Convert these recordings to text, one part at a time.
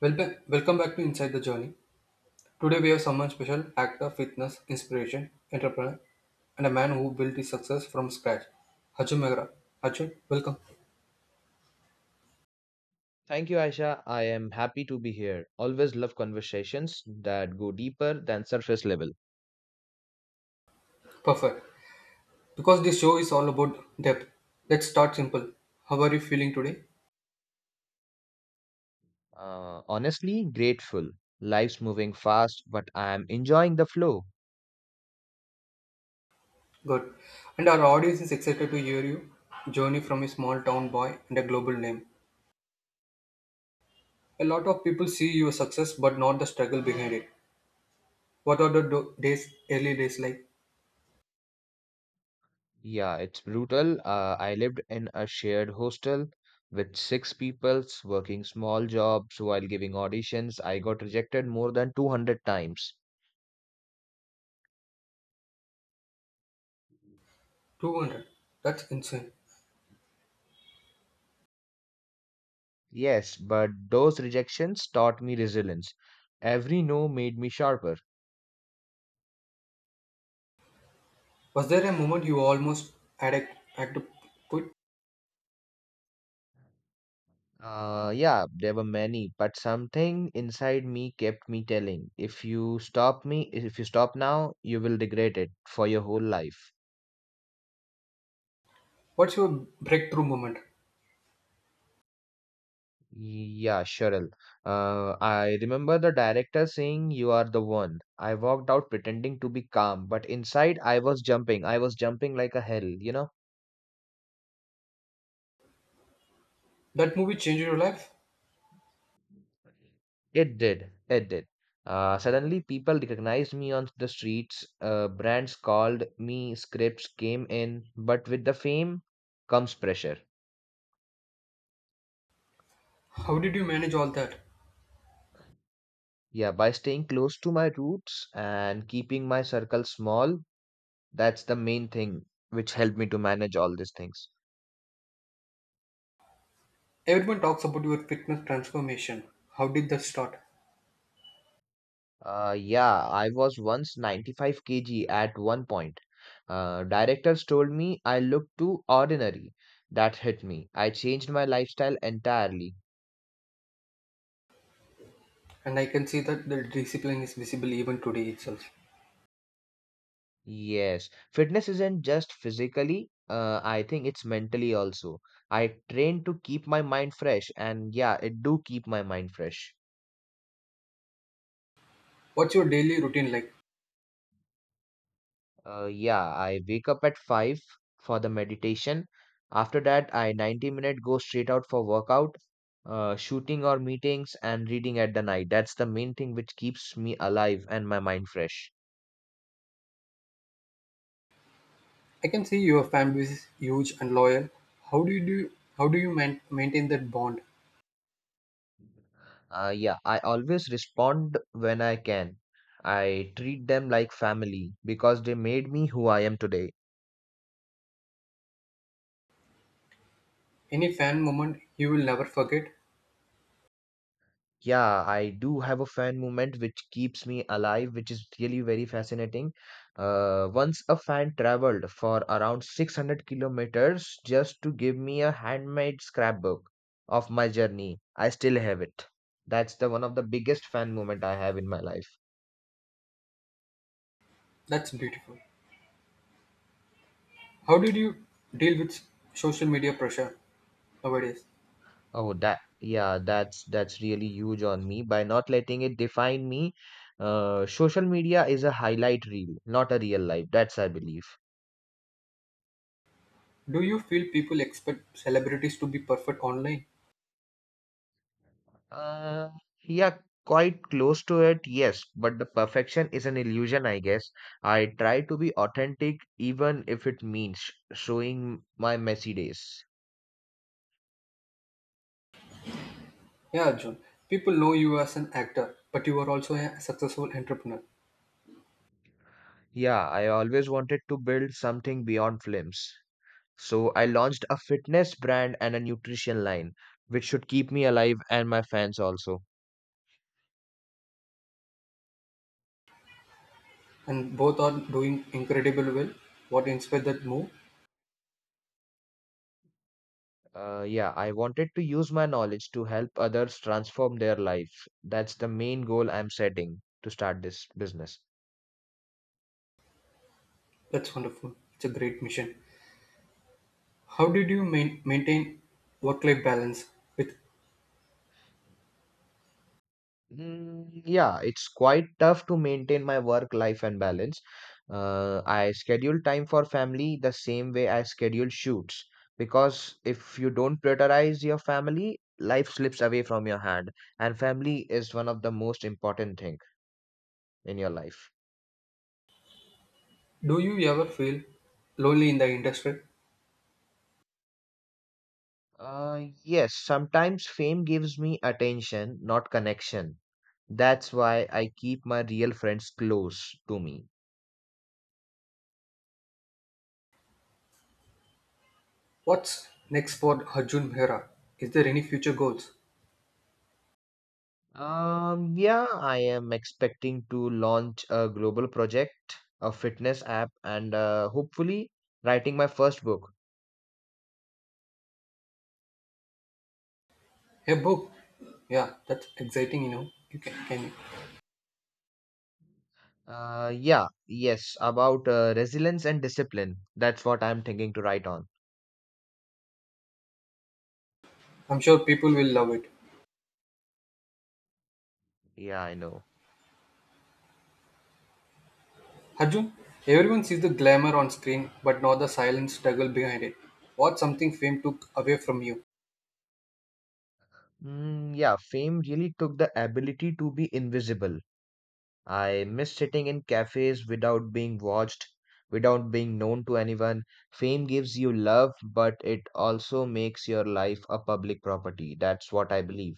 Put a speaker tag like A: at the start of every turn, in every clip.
A: Welcome, welcome back to Inside the Journey. Today we have someone special, actor, fitness, inspiration, entrepreneur, and a man who built his success from scratch, Arjun Mehra. Arjun, welcome.
B: Thank you, Aisha. I am happy to be here. Always love conversations that go deeper than surface level.
A: Perfect. Because this show is all about depth, let's start simple. How are you feeling today?
B: Honestly, grateful. Life's moving fast, but I am enjoying the flow.
A: Good. And our audience is excited to hear you. Journey from a small town boy and a global name. A lot of people see your success but not the struggle behind it. What are the days, early days like?
B: Yeah, it's brutal. I lived in a shared hostel with six people, working small jobs while giving auditions. I got rejected more than 200 times.
A: 200. That's insane.
B: Yes, but those rejections taught me resilience. Every no made me sharper.
A: Was there a moment you almost had, a, had to quit?
B: Yeah, there were many, but something inside me kept me telling, if you stop now, you will regret it for your whole life.
A: What's your breakthrough moment?
B: Yeah, Cheryl. I remember the director saying, "You are the one." I walked out pretending to be calm, but inside I was jumping. I was jumping like a hell,
A: That movie changed your life?
B: It did. It did. Suddenly, people recognized me on the streets. Brands called me, scripts came in, but with the fame comes pressure.
A: How did you manage all that?
B: Yeah, by staying close to my roots and keeping my circle small, that's the main thing which helped me to manage all these things.
A: Everyone talks about your fitness transformation. How did that start?
B: Yeah, I was once 95 kg at one point. Directors told me I looked too ordinary. That hit me. I changed my lifestyle entirely.
A: And I can see that the discipline is visible even today itself.
B: Yes, fitness isn't just physically, I think it's mentally also. I train to keep my mind fresh, and yeah, it do keep my mind fresh.
A: What's your daily routine like?
B: Yeah, I wake up at 5 for the meditation. After that, I 90 minute go straight out for workout, shooting or meetings and reading at the night. That's the main thing which keeps me alive and my mind fresh.
A: I can see your fan base is huge and loyal. How do you do, how do you man, maintain that bond?
B: Yeah, I always respond when I can. I treat them like family because they made me who I am today.
A: Any fan moment you will never forget?
B: Yeah, I do have a fan movement which keeps me alive, which is really very fascinating. Once a fan traveled for around 600 kilometers just to give me a handmade scrapbook of my journey. I still have it. That's the one of the biggest fan moment I have in my life.
A: That's beautiful. How did you deal with social media pressure nowadays?
B: Oh, that, yeah, that's really huge on me. By not letting it define me, social media is a highlight reel, not a real life. That's I believe.
A: Do you feel people expect celebrities to be perfect online?
B: Uh, yeah, quite close to it, yes, but the perfection is an illusion, I guess. I try to be authentic even if it means showing my messy days.
A: Yeah, Arjun. People know you as an actor, but you are also a successful entrepreneur,
B: Yeah, I always wanted to build something beyond films. So I launched a fitness brand and a nutrition line, which should keep me alive and my fans also.
A: and both are doing incredible well. What inspired that move?
B: Yeah, I wanted to use my knowledge to help others transform their life. That's the main goal I'm setting to start this business.
A: That's wonderful. It's a great mission. How did you maintain work-life balance? With
B: Yeah, it's quite tough to maintain my work life and balance. I schedule time for family the same way I schedule shoots because if you don't prioritize your family, life slips away from your hand, and family is one of the most important thing in your life.
A: do you ever feel lonely in the industry?
B: Yes, sometimes fame gives me attention, not connection. That's why I keep my real friends close to me.
A: What's next for Arjun Mehra? Is there any future goals?
B: Yeah, I am expecting to launch a global project, a fitness app, and hopefully writing my first book.
A: A book. Yeah, that's exciting. You know, you can.
B: Yeah, yes, about resilience and discipline. That's what I'm thinking to write on.
A: I'm sure people will love it.
B: Yeah, I know.
A: Haju, everyone sees the glamour on screen but not the silent struggle behind it. What's something fame took away from you?
B: Yeah, fame really took the ability to be invisible. I miss sitting in cafes without being watched, without being known to anyone. Fame gives you love, but it also makes your life a public property. That's what I believe.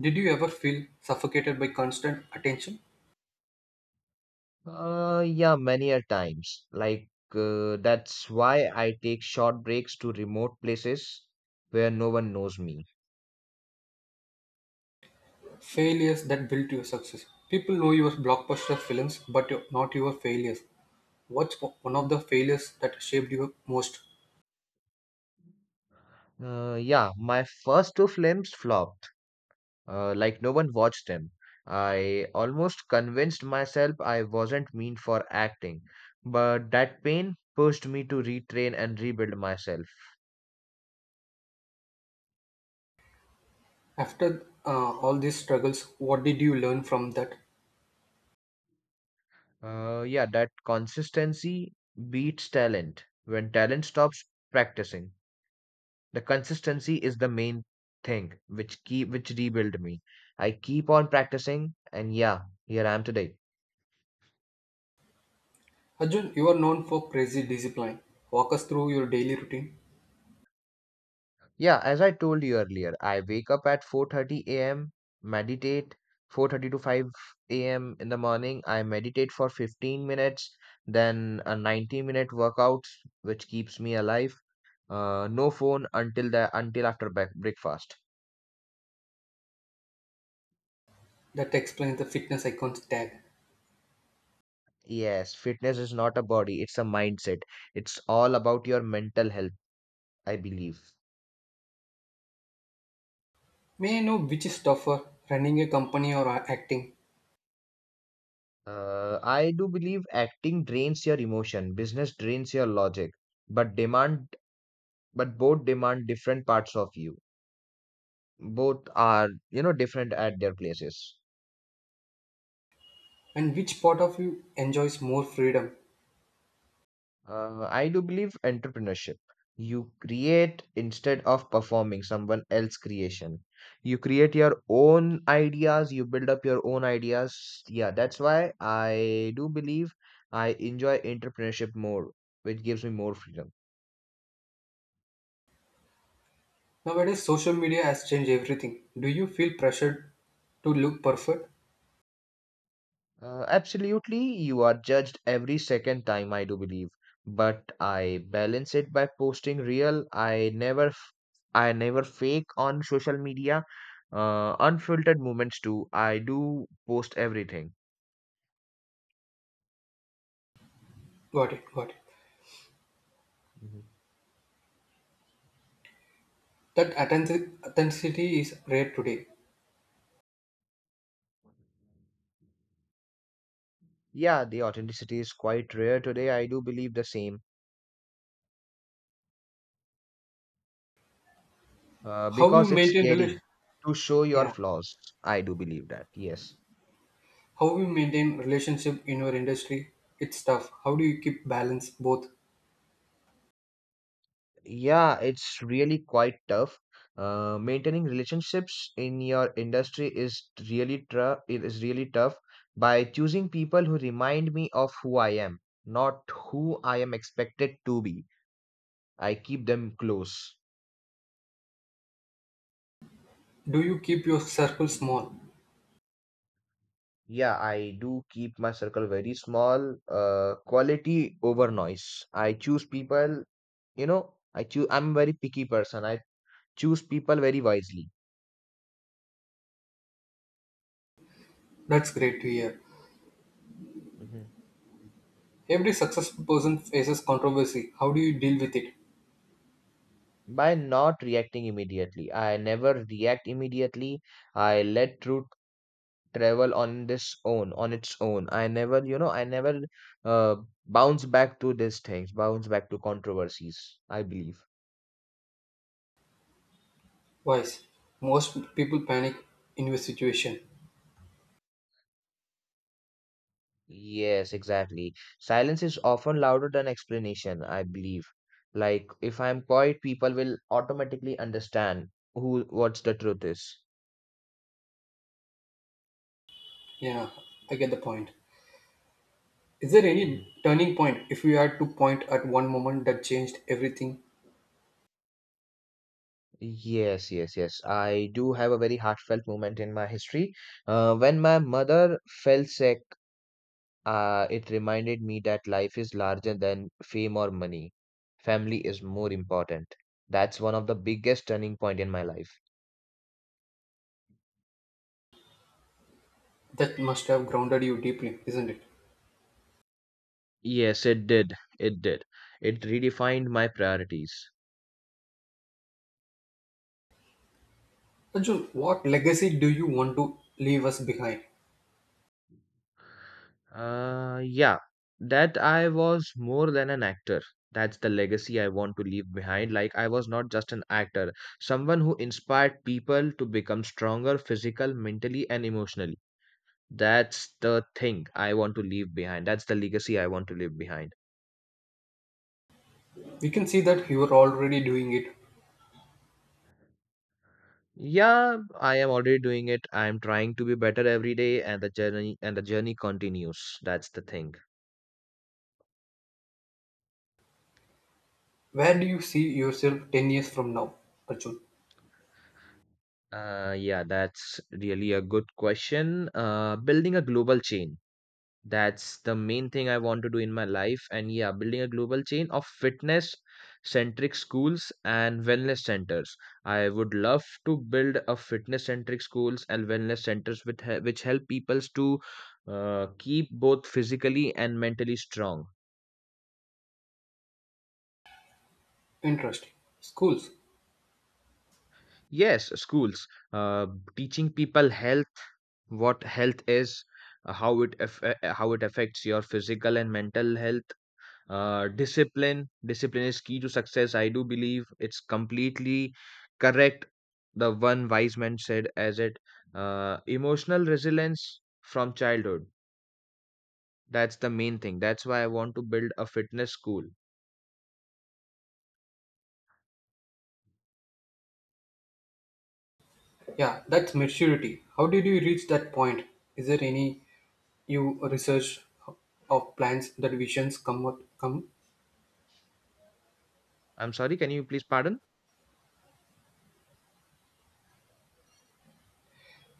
A: Did you ever feel suffocated by constant attention?
B: Yeah, many a times. Like, that's why I take short breaks to remote places where no one knows me.
A: Failures that built your success. People know your blockbuster films but not your failures. What's one of the failures that shaped you most?
B: Yeah, my first two films flopped. Like no one watched him. I almost convinced myself I wasn't mean for acting, but that pain pushed me to retrain and rebuild myself.
A: After all these struggles, what did you learn from that?
B: Yeah, that consistency beats talent. When talent stops practicing, the consistency is the main thing which rebuild me. I keep on practicing, and yeah, here I am today.
A: Arjun, you are known for crazy discipline. Walk us through your daily routine
B: Yeah, as I told you earlier, I wake up at 4:30 a.m., meditate 4:30 to 5 a.m. in the morning. I meditate for 15 minutes, then a 90-minute workout which keeps me alive. No phone until the until after back breakfast.
A: that explains the fitness icons tag.
B: Yes, fitness is not a body, it's a mindset. It's all about your mental health, I believe.
A: May I know which is tougher, running a company or acting,
B: I do believe acting drains your emotion, business drains your logic, but demand but both demand different parts of you. Both are, you know, different at their places.
A: and which part of you enjoys more freedom?
B: I do believe entrepreneurship. You create instead of performing someone else's creation. You create your own ideas, you build up your own ideas. Yeah, that's why I do believe I enjoy entrepreneurship more, which gives me more freedom.
A: Nowadays, social media has changed everything. Do you feel pressured to look perfect?
B: Absolutely, you are judged every second time, I do believe. But I balance it by posting real. I never fake on social media. Unfiltered moments too. I do post everything.
A: Got it, got it.
B: Mhm.
A: That authenticity is rare today.
B: Yeah, the authenticity is quite rare today. I do believe the same.
A: How you
B: Because it's
A: maintain relation?
B: scary to show your
A: Yeah,
B: flaws. I do believe that. Yes.
A: how you maintain relationship in your industry? It's tough. How do you keep balance both?
B: Yeah, it's really quite tough. Maintaining relationships in your industry is it is really tough by choosing people who remind me of who I am, not who I am expected to be. I keep them close.
A: Do you keep your circle small?
B: Yeah, I do keep my circle very small. Quality over noise. I choose people, I'm a very picky person. I choose people very wisely.
A: That's great to hear.
B: Mhm.
A: Every successful person faces controversy. How do you deal with it?
B: By not reacting immediately. I never react immediately. I let truth travel on this own, on its own. I never uh, bounce back to these things, bounce back to controversies, I believe.
A: Wise. Most people panic in your situation.
B: Yes, exactly. Silence is often louder than explanation, I believe. Like if I'm quiet, people will automatically understand who what's the truth is.
A: Yeah, I get the point. Is there
B: Mhm.
A: any turning point if we are to point at one moment that changed everything?
B: Yes, yes, yes. I do have a very heartfelt moment in my history. When my mother fell sick, it reminded me that life is larger than fame or money. Family is more important. That's one of the biggest turning point in my life.
A: That must have grounded you deeply, isn't it?
B: Yes, it did. It did. It redefined my priorities.
A: Arjun, what legacy do you want to leave us behind?
B: Yeah, that I was more than an actor. That's the legacy I want to leave behind. Like, I was not just an actor, someone who inspired people to become stronger physical, mentally, and emotionally. That's the thing I want to leave behind. That's the legacy I want to leave behind.
A: We can see that you are already doing it.
B: Yeah, I am already doing it. I am trying to be better every day, and the journey continues. That's the thing.
A: Where do you see yourself 10 years from now, Arjun?
B: Yeah, that's really a good question. Building a global chain. That's the main thing I want to do in my life. And yeah, building a global chain of fitness centric schools and wellness centers. I would love to build a fitness centric schools and wellness centers which help peoples to keep both physically and mentally strong.
A: Interesting. Schools.
B: Yes, schools uh, teaching people health, what health is, how it affects your physical and mental health. Discipline is key to success. I do believe it's completely correct, the one wise man said as it. Emotional resilience from childhood, that's the main thing, that's why I want to build a fitness school.
A: Yeah, that's maturity. How did you reach that point? Is there any you research of plans that visions come what come?
B: I'm sorry, can you please pardon?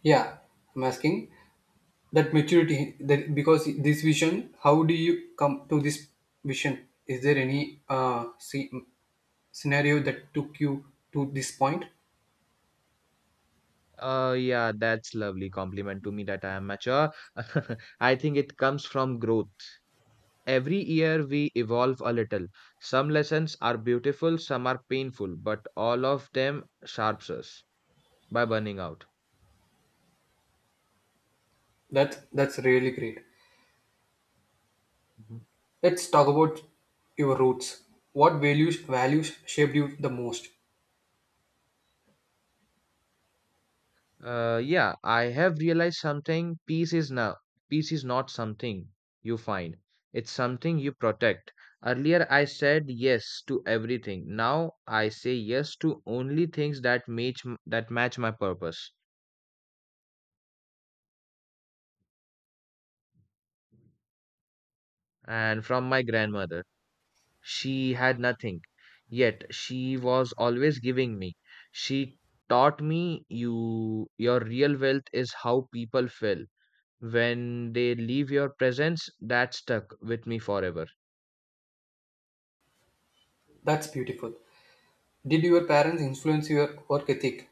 A: Yeah, I'm asking that maturity that because this vision, how do you come to this vision? Is there any scenario that took you to this point?
B: Yeah, that's lovely compliment to me that I am mature. I think it comes from growth. Every year we evolve a little. Some lessons are beautiful, some are painful, but all of them sharps us by burning out.
A: That's really great.
B: Mhm.
A: Let's talk about your roots. What values shaped you the most?
B: Yeah, I have realized something. Peace is not something you find. It's something you protect. Earlier I said yes to everything. Now I say yes to only things that match my purpose. And from my grandmother, she had nothing, yet she was always giving me. She taught me, your real wealth is how people feel when they leave your presence. That stuck with me forever.
A: That's beautiful. Did your parents influence your work ethic?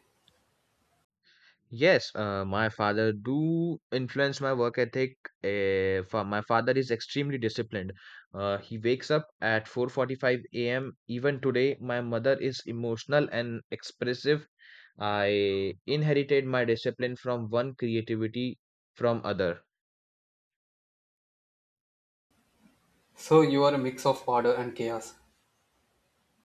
B: Yes, my father do influence my work ethic. My father is extremely disciplined. He wakes up at 4:45 a.m. even today. My mother is emotional and expressive. I inherited my discipline from one, creativity from other.
A: So you are a mix of order and chaos.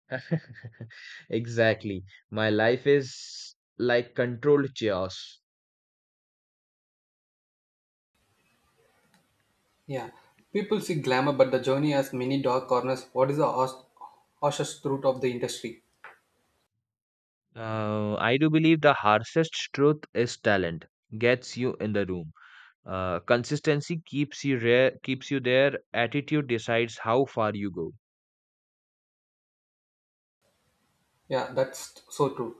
B: Exactly, my life is like controlled chaos.
A: Yeah. People see glamour, but the journey has many dark corners. What is the harshest truth of the industry?
B: I do believe the harshest truth is talent gets you in the room. Consistency keeps you rare, keeps you there. Attitude decides how far you go.
A: Yeah, that's so true.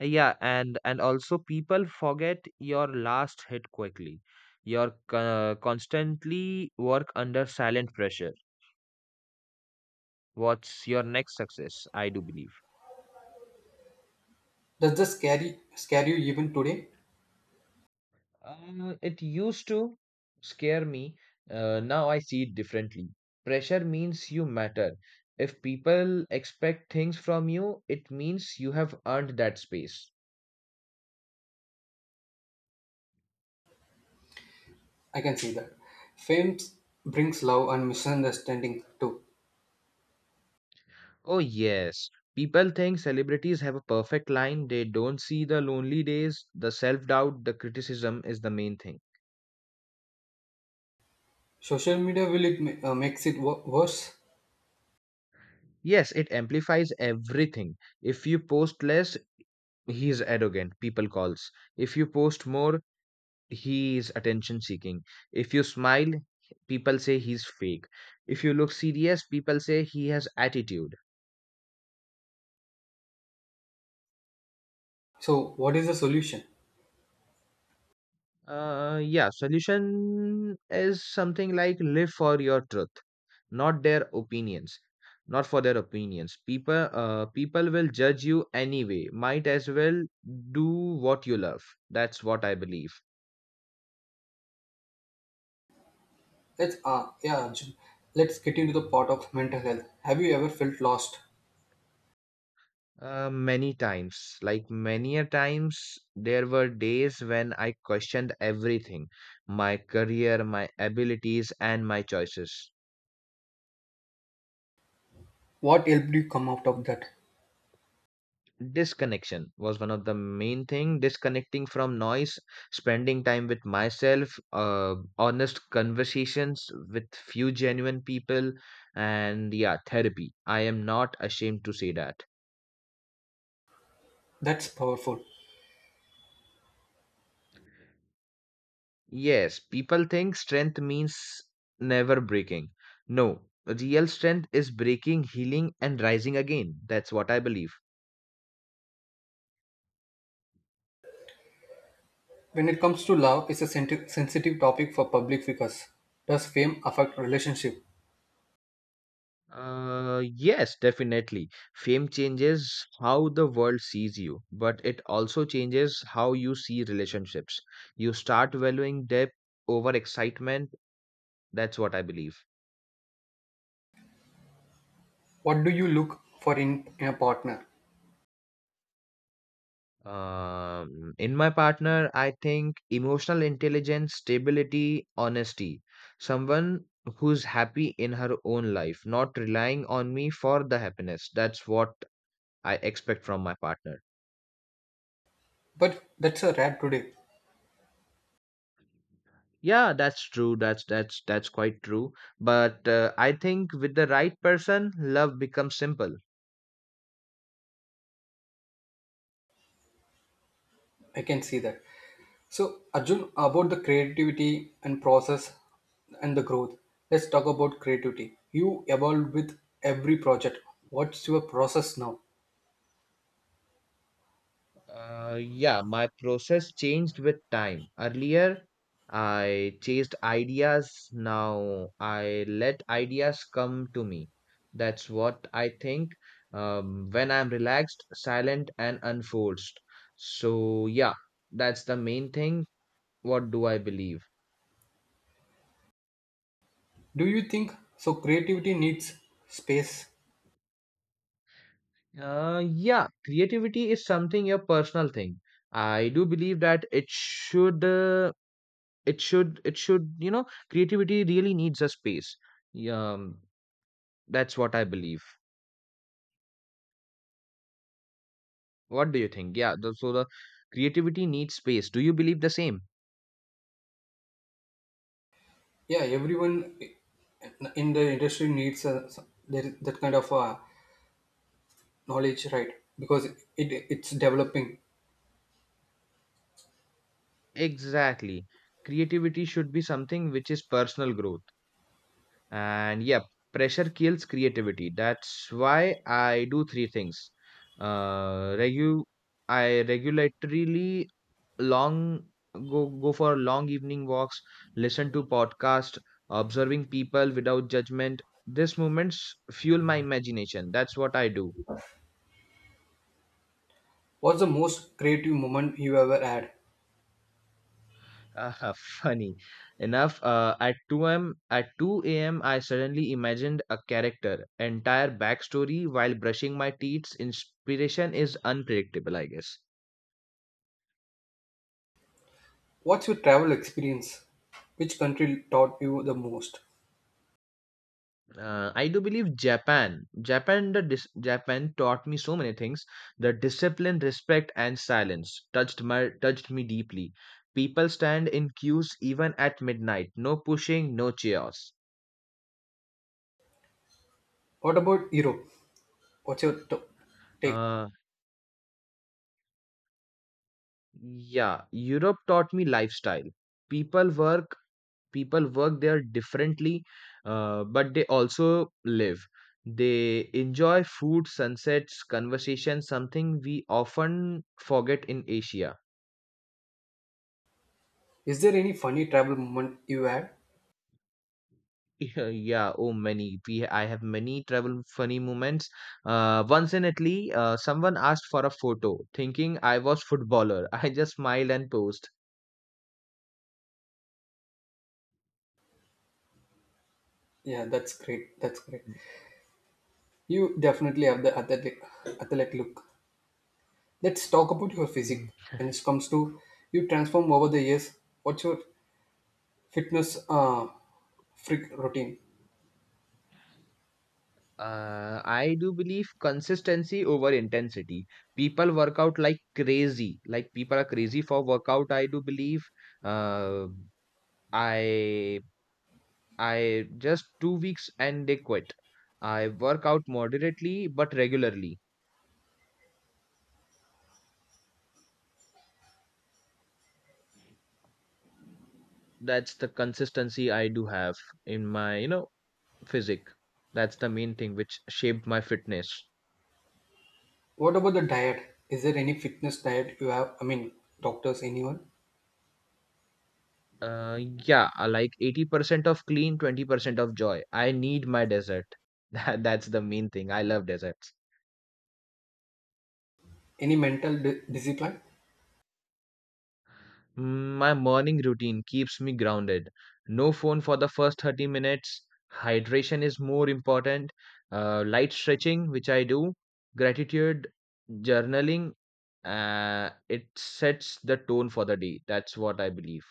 B: Yeah, and also people forget your last hit quickly. You're constantly work under silent pressure. What's your next success? I do believe.
A: Does this scary scare you even today?
B: It used to scare me. Now I see it differently. Pressure means you matter. If people expect things from you, it means you have earned that space.
A: I can see that. Fame brings love and misunderstanding too.
B: Oh, yes. People think celebrities have a perfect line. They don't see the lonely days, the self doubt, the criticism is the main thing.
A: Social media will it makes it worse.
B: Yes, it amplifies everything. If you post less, he's arrogant, people calls. If you post more, he is attention seeking. If you smile, people say he's fake. If you look serious, people say he has attitude.
A: So what is the solution?
B: Yeah, solution is something like live for your truth, not their opinions, not for their opinions. People will judge you anyway. Might as well do what you love. That's what I believe.
A: Arjun, let's get into the part of mental health. Have you ever felt lost?
B: Many times, like many a times, there were days when I questioned everything, my career, my abilities, and my choices.
A: What helped you come out of that?
B: Disconnection was one of the main thing, disconnecting from noise, spending time with myself, honest conversations with few genuine people, and yeah, therapy. I am not ashamed to say that.
A: That's powerful.
B: Yes, people think strength means never breaking. No, real strength is breaking, healing, and rising again. That's what I believe.
A: When it comes to love, it's a sensitive topic for public figures. Does fame affect relationship?
B: Yes, definitely. Fame changes how the world sees you, but it also changes how you see relationships. You start valuing depth over excitement. That's what I believe.
A: What do you look for in a partner?
B: In my partner, I think emotional intelligence, stability, honesty. Someone who's happy in her own life, not relying on me for the happiness. That's what I expect from my partner.
A: But that's a rare today.
B: Yeah, that's true. That's quite true. But I think with the right person, love becomes simple.
A: I can see that. So Arjun, about the creativity and process and the growth. Let's talk about creativity. You evolve with every project. What's your process now?
B: Yeah, my process changed with time. Earlier, I chased ideas. Now I let ideas come to me. That's what I think, when I'm relaxed, silent, and unforced. So, yeah, that's the main thing. What do I believe?
A: Do you think so? Creativity needs space.
B: Yeah, creativity is something your personal thing. I do believe that it should, you know, creativity really needs a space. Yeah, that's what I believe. What do you think? So the creativity needs space, do you believe the same?
A: Yeah, everyone in the industry needs a, so, there is that kind of a knowledge right because it's developing.
B: Exactly. Creativity should be something which is personal growth. And yeah, pressure kills creativity. That's why I do three things. Uh regu- i regulatorily long go for long evening walks, listen to podcast, observing people without judgment. These moments fuel my imagination. That's what I do.
A: What's the most creative moment you ever had?
B: Ah, funny enough, at 2 a.m. a m, I suddenly imagined a character, entire backstory while brushing my teeth. Inspiration is unpredictable, I guess.
A: What's your travel experience? Which country taught you the most?
B: I do believe Japan. Japan taught me so many things. The discipline, respect, and silence touched me deeply. People stand in queues even at midnight. No pushing, no chaos.
A: What about Europe? What's your take?
B: Uh, yeah, Europe taught me lifestyle. People work people work there differently. But they also live, they enjoy food, sunsets, conversations, something we often forget in Asia.
A: Is there any funny travel moment you had?
B: Yeah, yeah, oh many, we I have many travel funny moments. Once in Italy, someone asked for a photo thinking I was footballer. I just smiled and posed.
A: Yeah, that's great, that's great. You definitely have the athletic look. Let's talk about your physique. When it comes to, you transform over the years, what's your fitness uh freak routine?
B: I do believe consistency over intensity. People work out like crazy. Like people are crazy for workout, I do believe. Uh, I I just 2 weeks and they quit. I work out moderately but regularly. That's the consistency I do have in my, you know, physique. That's the main thing which shaped my fitness.
A: What about the diet? Is there any fitness diet you have? I mean, doctors, anyone?
B: Uh, yeah, like 80% of clean, 20% of joy. I need my desert. That's the main thing. I love deserts.
A: Any mental discipline?
B: My morning routine keeps me grounded. No phone for the first 30 minutes. Hydration is more important. Light stretching, which I do. Gratitude, journaling. It sets the tone for the day. That's what I believe.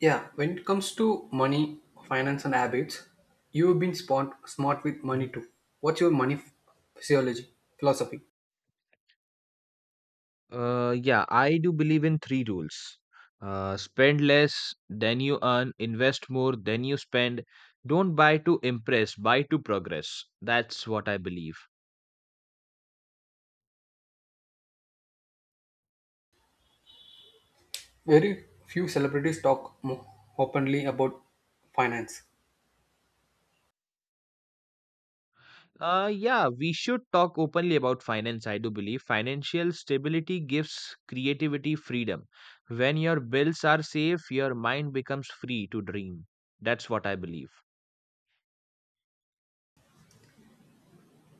A: Yeah, when it comes to money, finance, and habits, you've been smart with
B: Mm-hmm.
A: money too. What's your money physiology, philosophy?
B: Yeah, I do believe in three rules. Spend less than you earn, invest more than you spend. Don't buy to impress, buy to progress. That's what I believe.
A: Very few celebrities talk openly about finance.
B: Yeah, we should talk openly about finance. I do believe financial stability gives creativity freedom. When your bills are safe, your mind becomes free to dream. That's what I believe.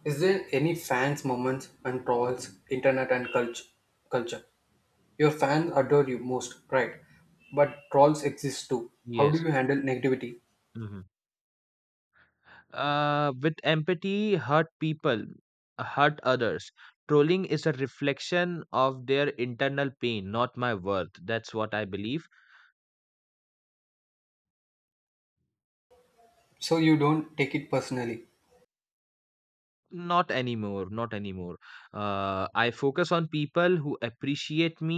A: Is there any fans' moments and trolls, internet and culture? Culture. Your fans adore you most, right? But trolls exist too. How do
B: Yes.
A: you handle negativity?
B: Mhm. With empathy, hurt people hurt others. Trolling is a reflection of their internal pain, not my worth. That's what I believe.
A: So you don't take it personally.
B: Not anymore, not anymore. uh, i focus on people who appreciate me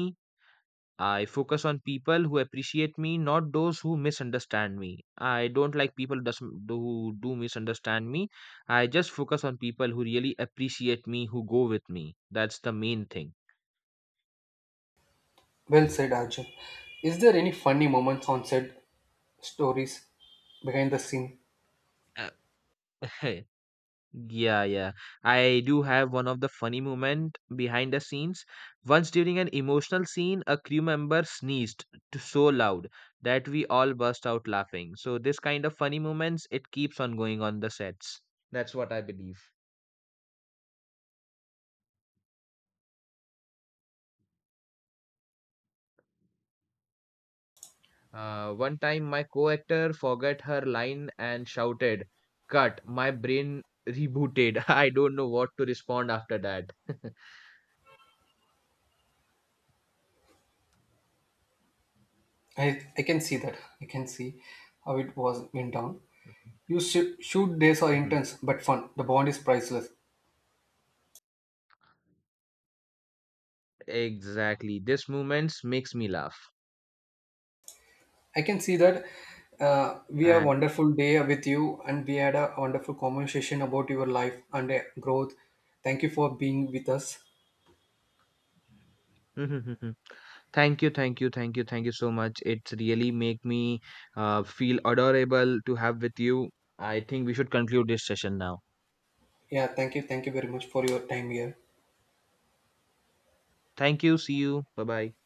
B: I focus on people who appreciate me, not those who misunderstand me. I don't like who do misunderstand me. I just focus on people who really appreciate me, who go with me. That's the main thing.
A: Well said, Arjun. Is there any funny moments on set, stories behind the scene?
B: Uh, Yeah, yeah. I do have one of the funny moment behind the scenes. Once during an emotional scene, a crew member sneezed so loud that we all burst out laughing. So this kind of funny moments, it keeps on going on the sets. That's what I believe. One time my co-actor forgot her line and shouted, "Cut!" My brain rebooted. I don't know what to respond after that.
A: I can see that. I can see how it was went down. You shoot days are
B: Mhm.
A: intense but fun. The bond is priceless.
B: Exactly. This moments makes me laugh.
A: I can see that we have a wonderful day with you and we had a wonderful conversation about your life and growth. Thank you for being with us.
B: Hmm. Thank you, thank you, thank you, thank you so much. It's really make me feel adorable to have with you. I think we should conclude this session now.
A: Yeah, thank you. Thank you very much for your time here.
B: Thank you. See you. Bye bye.